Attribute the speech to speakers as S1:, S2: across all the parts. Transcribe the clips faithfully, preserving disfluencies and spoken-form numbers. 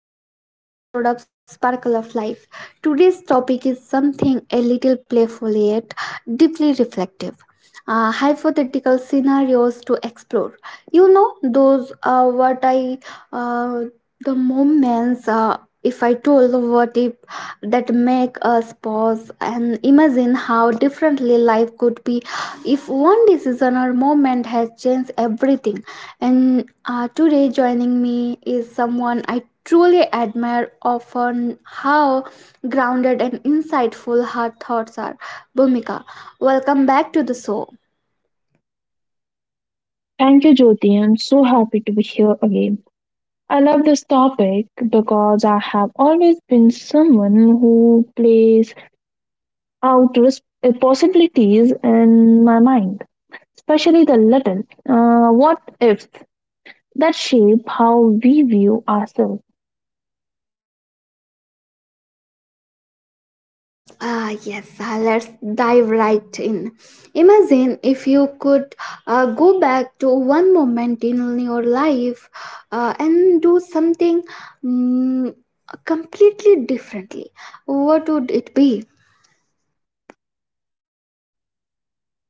S1: Back to another episode of Sparkle of Life. Today's topic is something a little playful yet deeply reflective. Uh, hypothetical scenarios to explore. You know, those are what I, uh, the moments, uh, If I told, what if that make us pause and imagine how differently life could be if one decision or moment has changed everything. And uh, Today, joining me is someone I truly admire often how grounded and insightful her thoughts are. Bhumika, welcome back to the show.
S2: Thank you, Jyoti. I'm so happy to be here again. I love this topic because I have always been someone who plays out res- uh, possibilities in my mind, especially the little uh, what ifs that shape how we view ourselves.
S1: Ah, yes, uh, let's dive right in. Imagine if you could uh, go back to one moment in your life uh, and do something mm, completely differently. What would it be?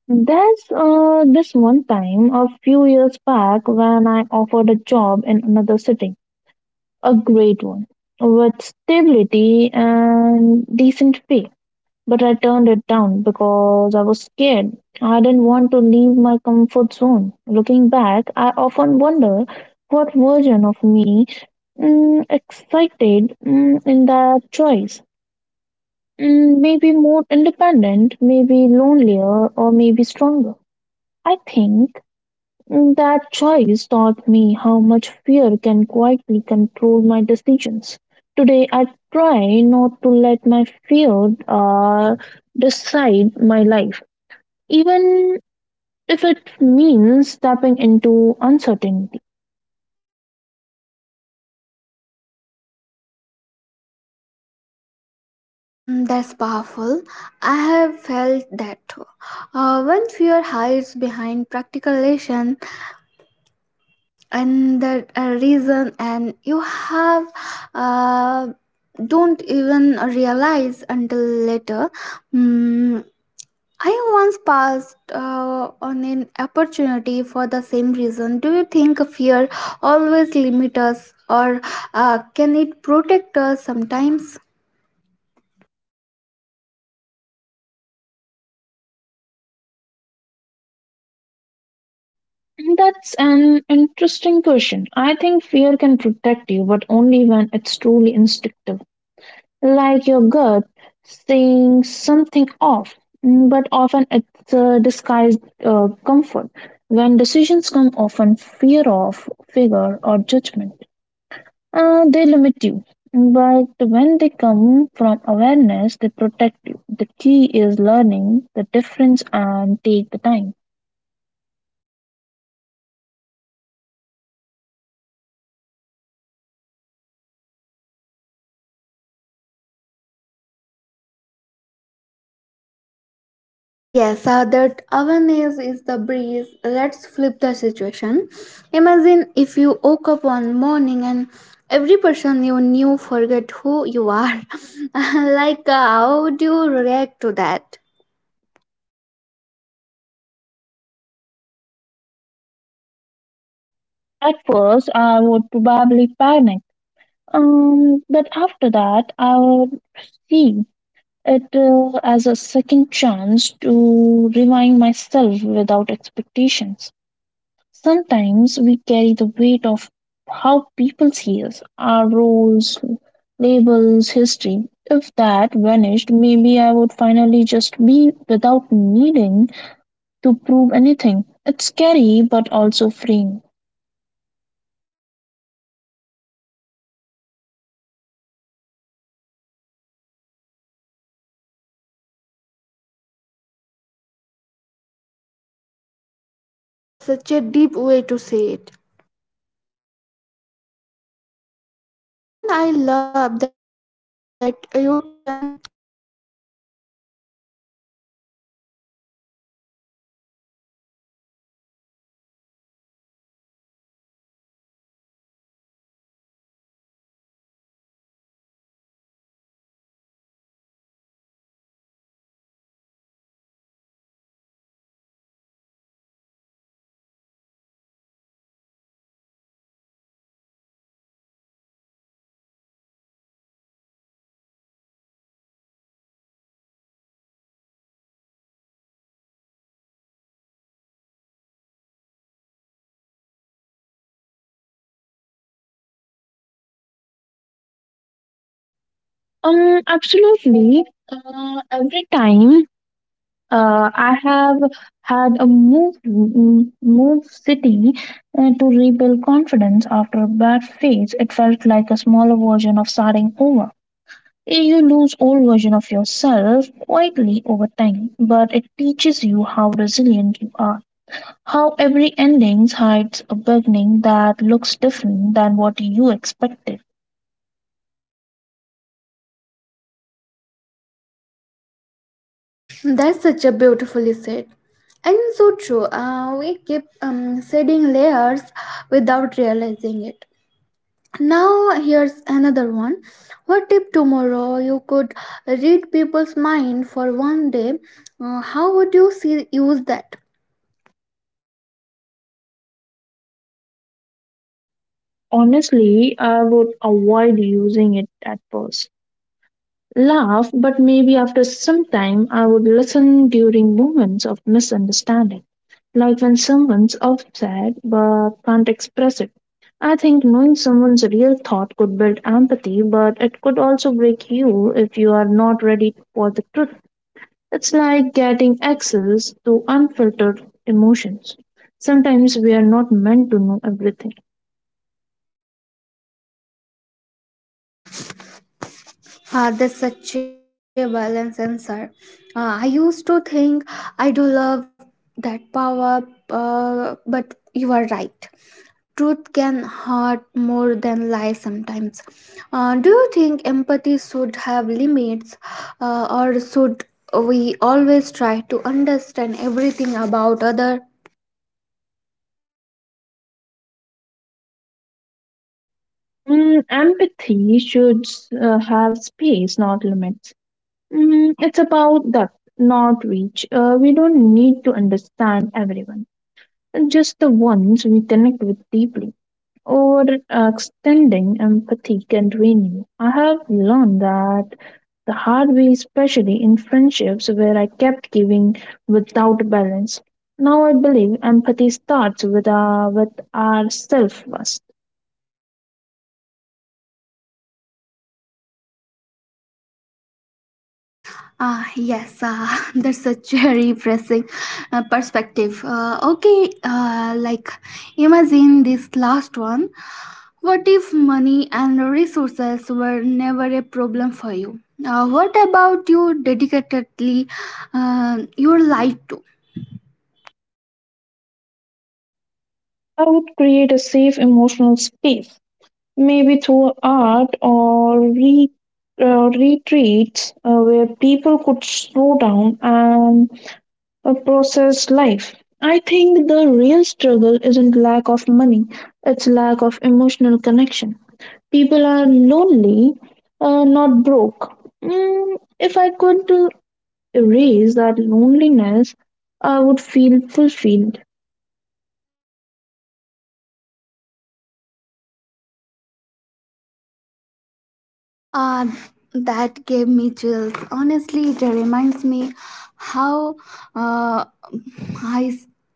S2: There's uh, this one time a few years back when I offered a job in another city, a great one, with stability and decent pay. But I turned it down because I was scared. I didn't want to leave my comfort zone. Looking back, I often wonder what version of me mm, excited mm, in that choice. Mm, maybe more independent, maybe lonelier, or maybe stronger. I think that choice taught me how much fear can quietly control my decisions. Today, I try not to let my fear uh, decide my life, even if it means stepping into uncertainty.
S1: Mm, That's powerful. I have felt that too. Uh, when fear hides behind practicalization and the uh, reason, and you have uh, don't even realize until later. Mm, I once passed uh, on an opportunity for the same reason. Do you think fear always limits us, or uh, can it protect us sometimes?
S2: That's an interesting question. I think fear can protect you, but only when it's truly instinctive. Like your gut saying something off. Mm, but often it's a disguised uh, comfort. When decisions come often fear of figure or judgment, uh, they limit you. But when they come from awareness, they protect you. The key is learning the difference and take the time.
S1: Uh, yes, uh, that awareness is the breeze. Let's flip the situation. Imagine if you woke up one morning and every person you knew forget who you are. Like, uh, how do you react to that?
S2: At first, I would probably panic. Um, but after that, I would see it uh, as a second chance to remind myself without expectations. Sometimes we carry the weight of how people see us, our roles, labels, history. If that vanished, maybe I would finally just be without needing to prove anything. It's scary but also freeing.
S1: Yes, that's such a deep way to say it. Even I love that you turn and the fear from mm, uh, freedom mm, and there uh, uh, when you mm, uh, think uh, like starting over um, like that uh, does uh, any part of your feel like you were already have just in uh, similar ways.
S2: Um, absolutely. Uh, every time Uh, I have had a move m- move city uh, to rebuild confidence after a bad phase. It felt like a smaller version of starting over. You lose old version of yourself quietly over time, but it teaches you how resilient you are. How every ending hides a beginning that looks different than what you expected.
S1: That's such a beautifully said and so true. Uh, we keep um, shedding layers without realizing it. Now, here's another one. What if tomorrow you could read people's mind for one day? Uh, how would you see, use that?
S2: Honestly, I would avoid using it at first. Laugh, but maybe after some time I would listen during moments of misunderstanding, like when someone's upset but can't express it. I think knowing someone's real thought could build empathy, but it could also break you if you are not ready for the truth. It's like getting access to unfiltered emotions. Sometimes we are not meant to know everything.
S1: Ah, that's such a balance and sir. Ah, I used to think I do love that power, uh, but you are right. Truth can hurt more than lies sometimes. Uh, do you think empathy should have limits, uh, or should we always try to understand everything about other?
S2: Mm, empathy should uh, have space, not limits. Mm, it's about that, not reach. Uh, we don't need to understand everyone, just the ones we connect with deeply. Or uh, extending empathy can drain you. I have learned that the hard way, especially in friendships where I kept giving without balance. Now I believe empathy starts with, uh, with ourself first.
S1: Ah, yes, uh, that's such a refreshing uh, perspective. Uh, okay, uh, like imagine this last one. What if money and resources were never a problem for you? Uh, what about you dedicatedly uh, your life to?
S2: I would create a safe emotional space maybe through art or re, uh, retreats uh, where people could slow down and uh, process life. I think the real struggle isn't lack of money, it's lack of emotional connection. People are lonely, uh, not broke. Mm, if I could uh, erase that loneliness, I would feel fulfilled.
S1: Uh, that gave me chills. Honestly, it reminds me how uh, I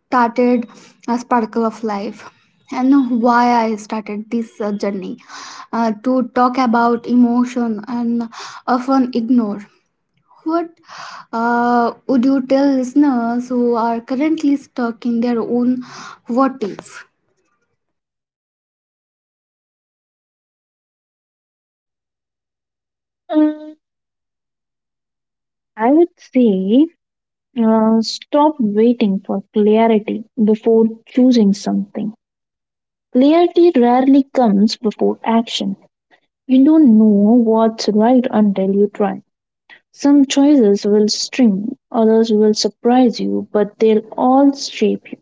S1: started a sparkle of life and why I started this uh, journey uh, to talk about emotion and often ignore. What uh, would you tell listeners who are currently stuck in their own what if?
S2: Mm, I would say Uh, stop waiting for clarity before choosing something. Clarity rarely comes before action. You don't know what's right until you try. Some choices will sting, others will surprise you, but they'll all shape you.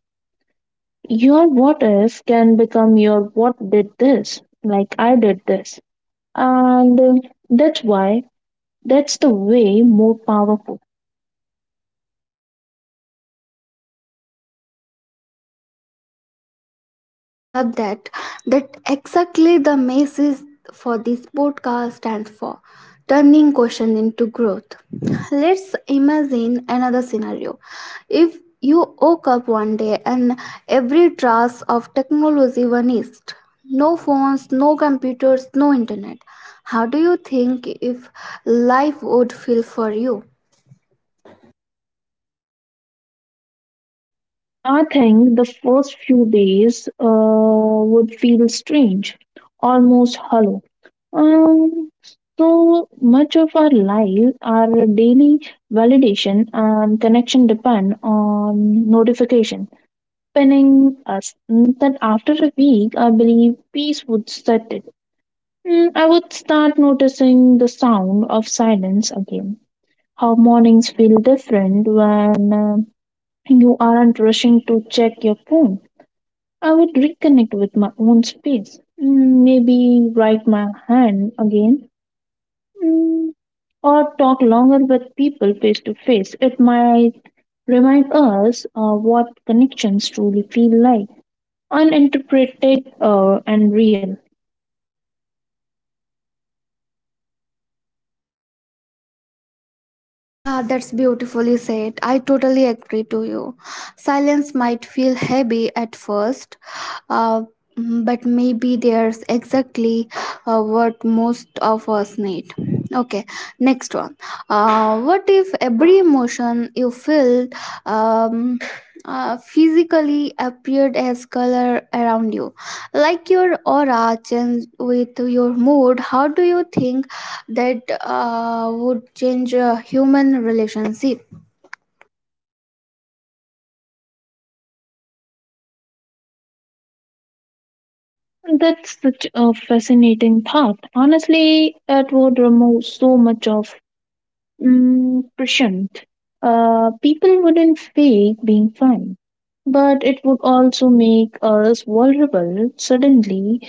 S2: Your what if can become your what did this, like I did this. And uh, That's why, that's the way more powerful.
S1: I love that. That exactly the message for this podcast stands for, turning caution into growth. Let's imagine another scenario. If you woke up one day and every trace of technology vanished, no phones, no computers, no internet, how do you think if life would feel for you?
S2: I think the first few days uh, would feel strange, almost hollow. Um, so much of our life, our daily validation and connection depend on notification pinning us. Mm, That after a week, I believe peace would set it. Mm, I would start noticing the sound of silence again. How mornings feel different when uh, you aren't rushing to check your phone. I would reconnect with my own space. Mm, maybe write my hand again, Mm, or talk longer with people face to face. It might remind us uh, what connections truly feel like, uninterpreted uh, and real.
S1: Ah, that's beautifully said. I totally agree to you. Silence might feel heavy at first, uh, mm, but maybe there's exactly uh, what most of us need. Okay, next one. Uh, what if every emotion you feel um, uh, physically appeared as color around you? Like your aura changed with your mood, how do you think that uh, would change uh, human relationship?
S2: That's such a fascinating thought. Honestly, it would remove so much of mm, pressure. Uh, people wouldn't fake being fine, but it would also make us vulnerable. Suddenly,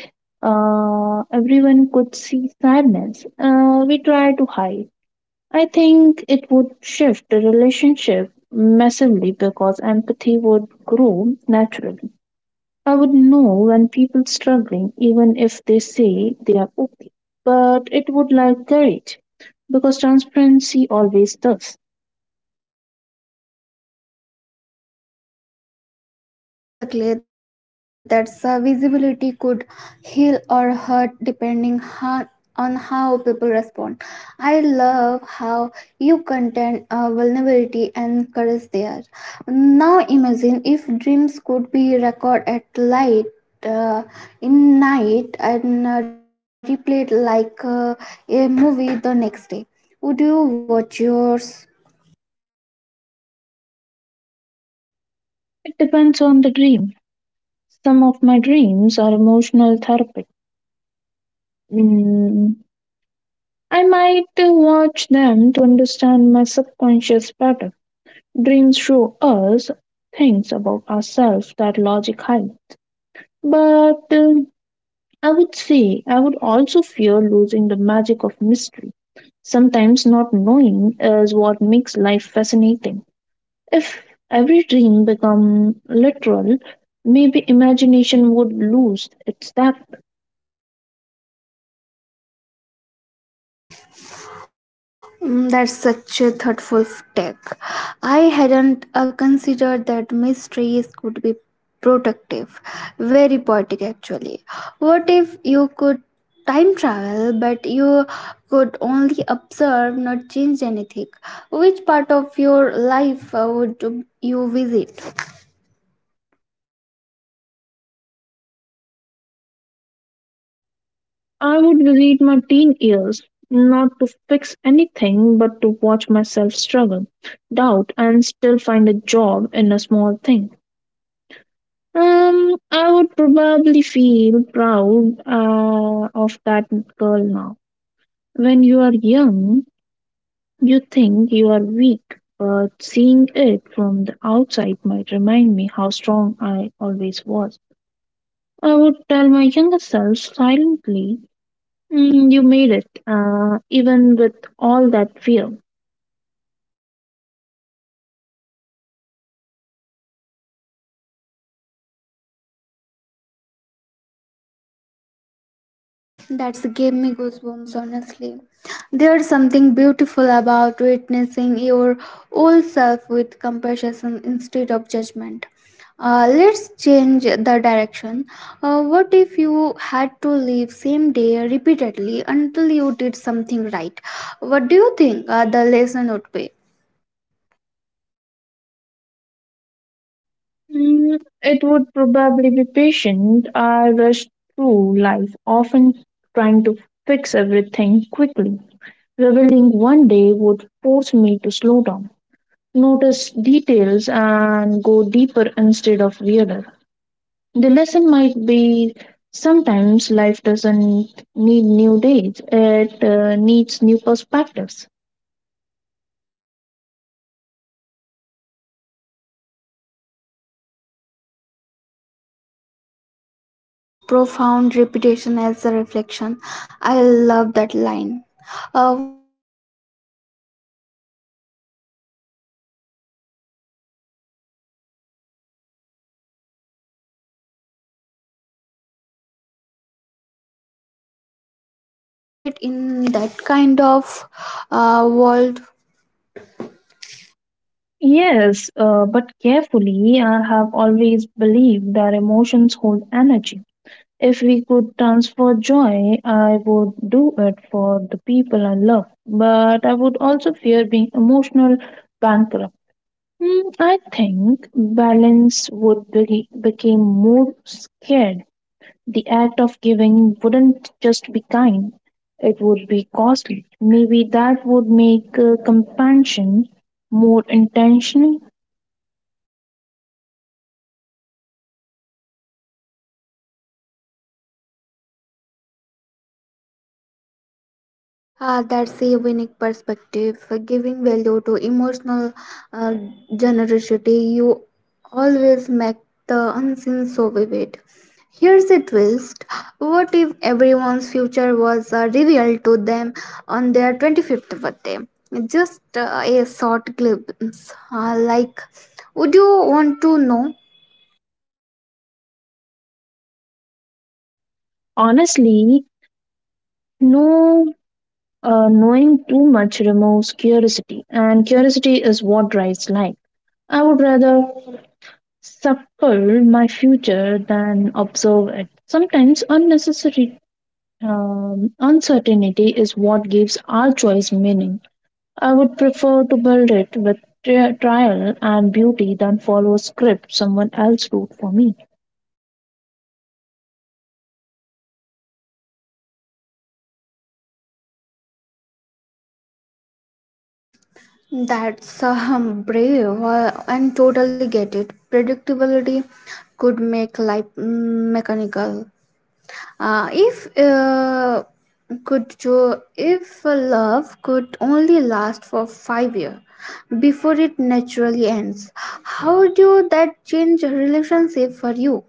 S2: uh, everyone could see sadness uh, we try to hide. I think it would shift the relationship massively because empathy would grow naturally. I would know when people struggling, even if they say they are okay. But it would like courage because transparency always does.
S1: Exactly, that's uh, visibility could heal or hurt depending ho- on how people respond. I love how you contain uh, vulnerability and courage there. Now imagine if dreams could be recorded at light uh, in night and uh, replayed like uh, a movie the next day. Would you watch yours?
S2: It depends on the dream. Some of my dreams are emotional therapy. Mm, I might uh, watch them to understand my subconscious better. Dreams show us things about ourselves that logic hides. But um, I would say I would also fear losing the magic of mystery. Sometimes not knowing is what makes life fascinating. If every dream become literal, maybe imagination would lose its depth.
S1: Mm, That's such a thoughtful f- take. I hadn't uh, considered that mysteries could be productive. Very poetic, actually. What if you could time travel, but you could only observe, not change anything? Which part of your life uh, would you visit?
S2: I would visit my teen years, not to fix anything, but to watch myself struggle, doubt, and still find a job in a small thing. Um, I would probably feel proud uh, of that girl now. When you are young, you think you are weak, but seeing it from the outside might remind me how strong I always was. I would tell my younger self silently, Mm, you made it, uh, even with all that fear.
S1: That's gave me goosebumps, honestly. There's something beautiful about witnessing your old self with compassion instead of judgment. Uh, let's change the direction. Uh, what if you had to live same day repeatedly until you did something right? What do you think uh, the lesson would be?
S2: Mm, it would probably be patient. I rushed through life, often trying to fix everything quickly. Reveling one day would force me to slow down, notice details, and go deeper instead of weirder. The lesson might be sometimes life doesn't need new dates, it uh, needs new perspectives.
S1: Ah, wow, that's profound, repetition as a reflection. I love that line. Uh, what if people could exchange emotion emotions like currency? Say, if you could uh, give a joy to someone who said in a return uh, for peace of mind, would you participate in that kind of uh, world?
S2: Yes, uh, but carefully, I have always believed that emotions hold energy. If we could transfer joy, I would do it for the people I love. But I would also fear being emotional bankrupt. Hmm, I think balance would be, became more scared. The act of giving wouldn't just be kind; it would be costly. Maybe that would make uh, compassion more intentional.
S1: Ah, that's a unique perspective, for giving value to emotional uh, generosity. You always make the unseen so vivid. Here's a twist. What if everyone's future uh, revealed to them on their twenty-fifth birthday? Just uh, a short glimpse. Uh, like, would you want to know?
S2: Honestly, no, uh, knowing too much removes curiosity, and curiosity is what drives life. I would rather suffer my future than observe it. Sometimes unnecessary um, uncertainty is what gives our choice meaning. I would prefer to build it with tri- trial and beauty than follow a script someone else wrote for me.
S1: That's um, brave uh, and totally get it. Predictability could make life mm, mechanical. Uh, if uh, could jo- if a love could only last for five years before it naturally ends, how do that change relationship for you?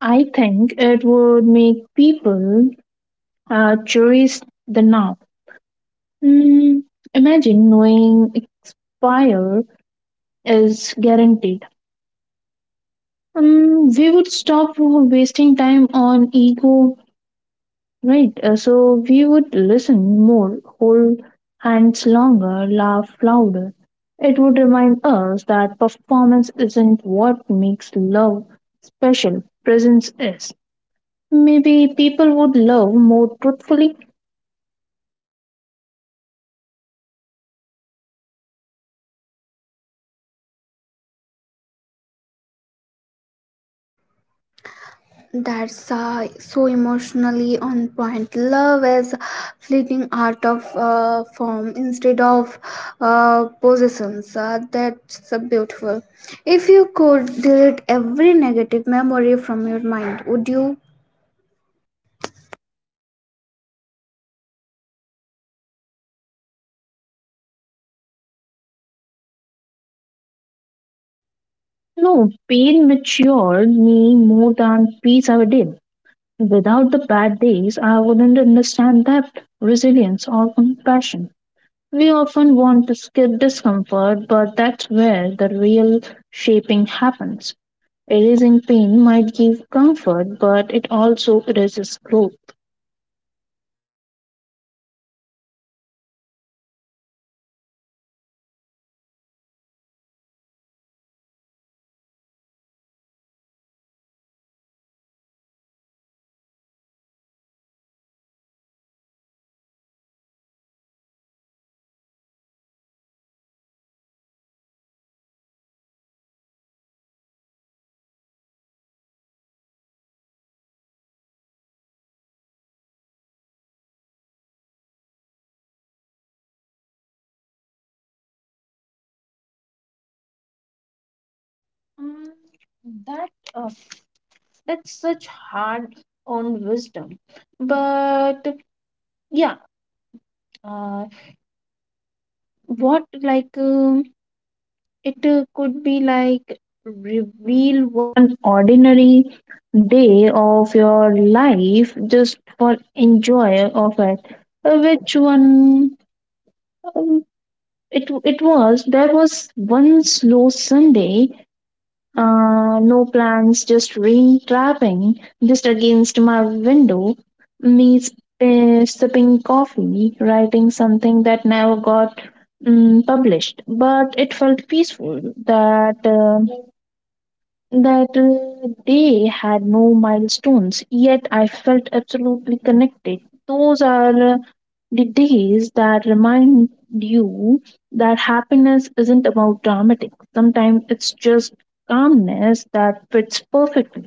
S2: I think it would make people uh, cherish the now. Mm, Imagine knowing expire is guaranteed. Um, we would stop wasting time on ego, right? Uh, so we would listen more, hold hands longer, laugh louder. It would remind us that performance isn't what makes love special, presence is. Maybe people would love more truthfully.
S1: That's uh, so emotionally on point. Love is fleeting art of uh, form instead of uh, possessions. Uh, that's uh, beautiful. If you could delete every negative memory from your mind, would you?
S2: No, pain matured me more than peace ever did. Without the bad days, I wouldn't understand depth, resilience, or compassion. We often want to skip discomfort, but that's where the real shaping happens. Erasing pain might give comfort, but it also erases growth. Mm, that uh, that's such hard on wisdom, but yeah, uh, what like it uh, could be like reveal one ordinary day of your life just for enjoy of it. Uh, Which one? um, It it was there was one slow Sunday. Uh, no plans, just rain trapping just against my window. Me sp- sipping coffee, writing something that never got mm, published, but it felt peaceful. That. Uh, that uh, they had no milestones, yet I felt absolutely connected. Those are uh, the days that remind you that happiness isn't about dramatic. Sometimes it's just calmness that fits perfectly.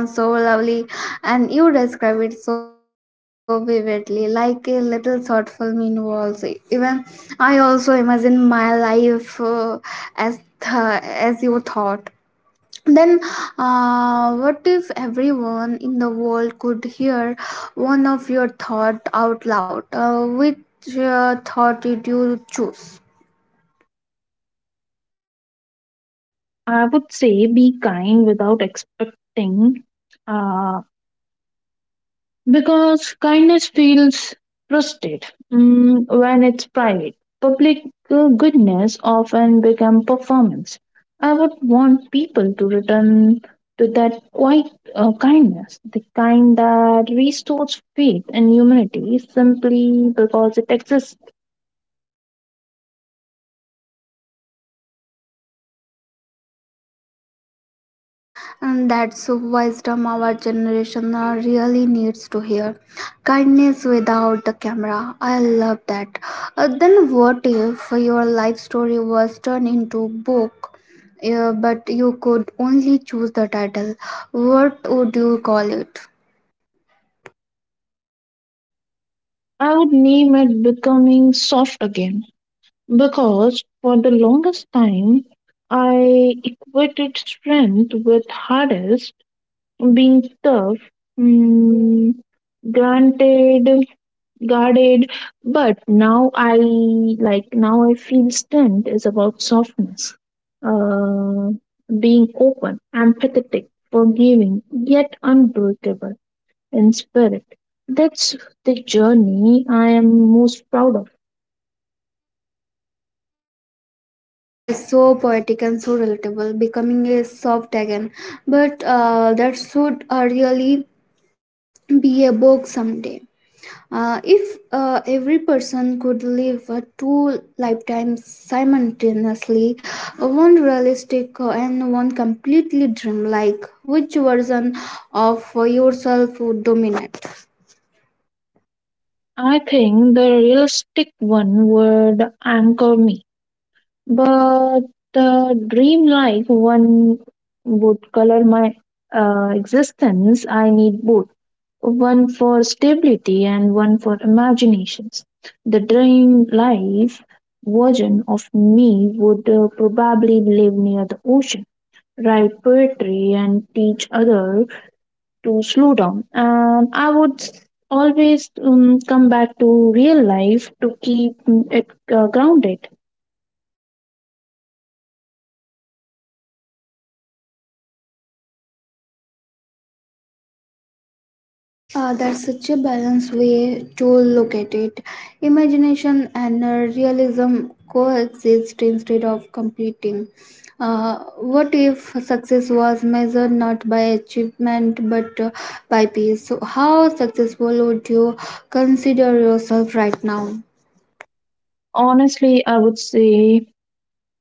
S1: And that sounds so lovely, and you describe it so vividly, like a little short film involves. Even I also imagine my life uh, as th- as you thought. Then, uh, what if everyone in the world could hear one of your thought out loud? Uh, which uh, thought did you choose?
S2: I would say be kind without expecting uh, because kindness feels trusted mm, when it's private. Public uh, goodness often becomes performance. I would want people to return to that quiet uh, kindness, the kind that restores faith in humanity simply because it exists.
S1: And that's a wisdom our generation uh, really needs to hear. Kindness without the camera. I love that. Uh, then what if your life story was turned into book? Uh, but you could only choose the title. What would you call it?
S2: I would name it becoming soft again because for the longest time I equated strength with hardness, being tough, mm, granted, guarded, but now I like now I feel strength is about softness, uh, being open, empathetic, forgiving, yet unbreakable in spirit. That's the journey I am most proud of.
S1: Uh, that's so poetic and so relatable, becoming a soft again. But uh, that should uh, really be a book someday. Uh, if uh, every person could live uh, two lifetimes simultaneously, uh, one realistic uh, and one completely dreamlike, which version of uh, yourself would dominate?
S2: I think the realistic one would anchor me, but the dream like one would color my uh, existence. I need both, one for stability and one for imaginations. The dream life version of me would uh, probably live near the ocean, write poetry, and teach others to slow down. And I would always um, come back to real life to keep mm, it uh, grounded.
S1: Uh, that's such a balanced way to look at it. Imagination and uh, realism coexist instead of competing. Uh, what if success was measured not by achievement but uh, by peace? So, how successful would you consider yourself right now?
S2: Honestly, I would say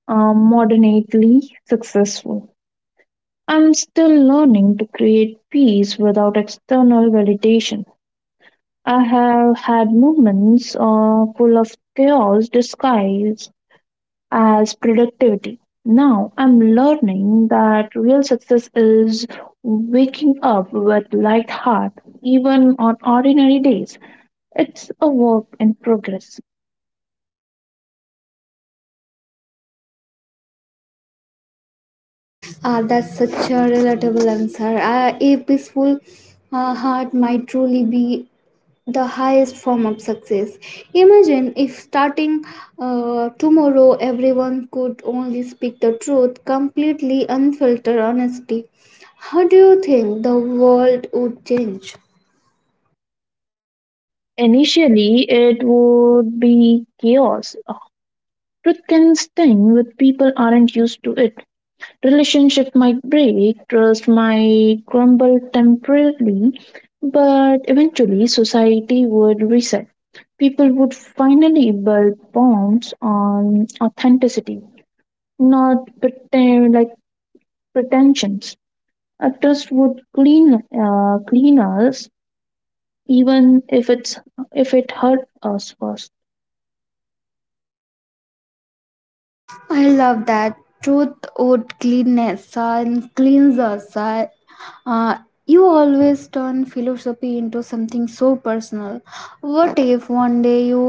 S2: are moderately successful. I'm still learning to create peace without external validation. I have had moments uh, full of chaos disguised as productivity. Now I'm learning that real success is waking up with light heart even on ordinary days. It's a work in progress.
S1: Uh, that's such a relatable answer. Uh, a peaceful uh, heart might truly be highest form of success. Imagine if starting uh, tomorrow everyone could only speak the truth, completely unfiltered honesty. How do you think the world would change?
S2: Initially, it would be chaos. Truth can sting when people aren't used to it. Relationship might break, trust might crumble temporarily, but eventually society would reset. People would finally build bonds on authenticity, not pretend like pretensions. A trust would clean uh, clean us, even if it's if it hurt us first.
S1: I love that. Truth, would cleanness, and cleans us. I- Uh, you always turn philosophy into something so personal. What if one day you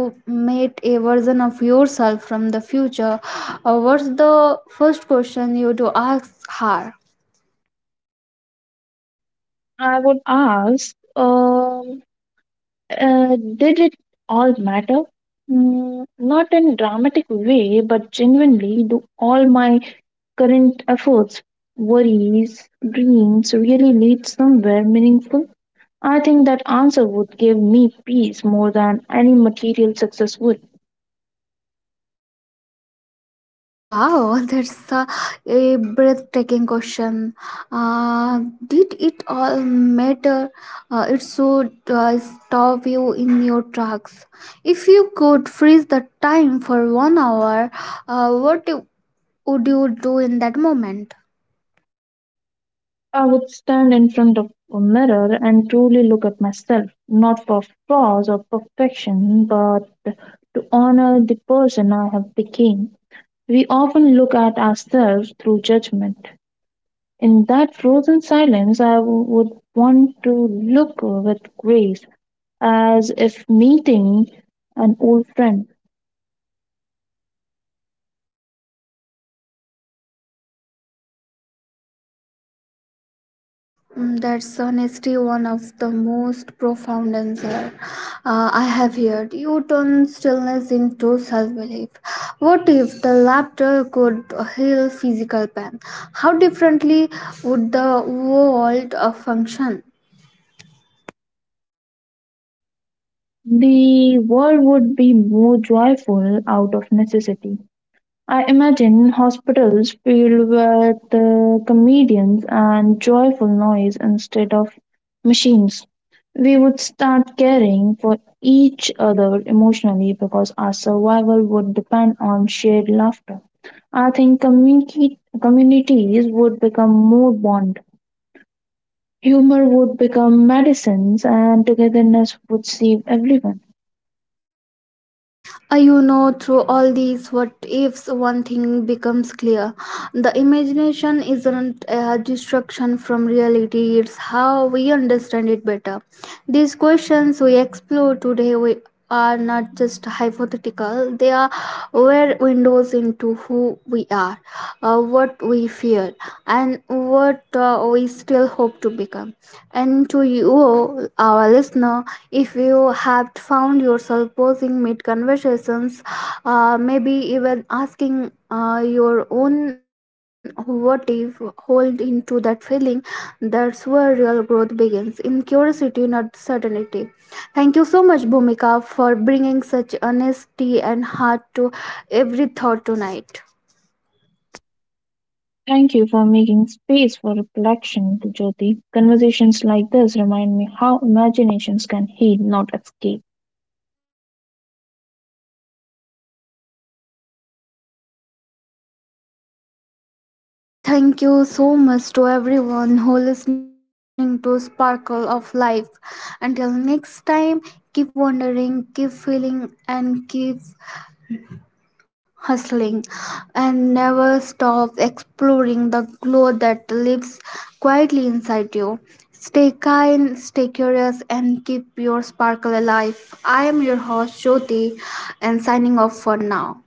S1: met a version of yourself from the future? Uh, what's the first question you to ask her?
S2: I would ask. Um, Uh, did it all matter? Mm, not in dramatic way, but genuinely, do all my current efforts, worries, dreams really lead somewhere meaningful? I think that answer would give me peace more than any material success would.
S1: Oh wow, that's a, a breathtaking question. Uh, did it all matter? Uh, it should uh, stop you in your tracks. If you could freeze the time for one hour, uh, what you- would you do in that moment?
S2: I would stand in front of a mirror and truly look at myself, not for flaws or perfection, but to honor the person I have become. We often look at ourselves through judgment. In that frozen silence, I w- would want to look with grace, as if meeting an old friend.
S1: Mm, That's honestly one of the most profound answer uh, I have heard. You turn stillness into self-belief. What if the laughter could heal physical pain? How differently would the world uh, function?
S2: The world would be more joyful out of necessity. I imagine hospitals filled with uh, comedians and joyful noise instead of machines. We would start caring for each other emotionally because our survival would depend on shared laughter. I think community, communities would become more bond. Humor would become medicines and togetherness would save everyone.
S1: Uh, you know, through all these what ifs, one thing becomes clear. The imagination isn't a distraction from reality, it's how we understand it better. These questions we explore today, we are not just hypothetical, they are were windows into who we are, uh, what we fear, and what uh, we still hope to become. And to you, our listener, if you have found yourself pausing mid conversations, uh, maybe even asking uh, your own what if, hold into that feeling. That's where real growth begins, in curiosity, not certainty. Thank you so much, Bhumika, for bringing such honesty and heart to every thought tonight.
S2: Thank you for making space for reflection, Jyoti. Conversations like this remind me how imaginations can heal, not escape.
S1: And thank you so much to everyone who listening to Sparkle of Life. Until next time, keep wondering, keep feeling and keep hustling and never stop exploring the glow that lives quietly inside you. Stay kind, stay curious and keep your sparkle alive. I am your host Jyoti and signing off for now.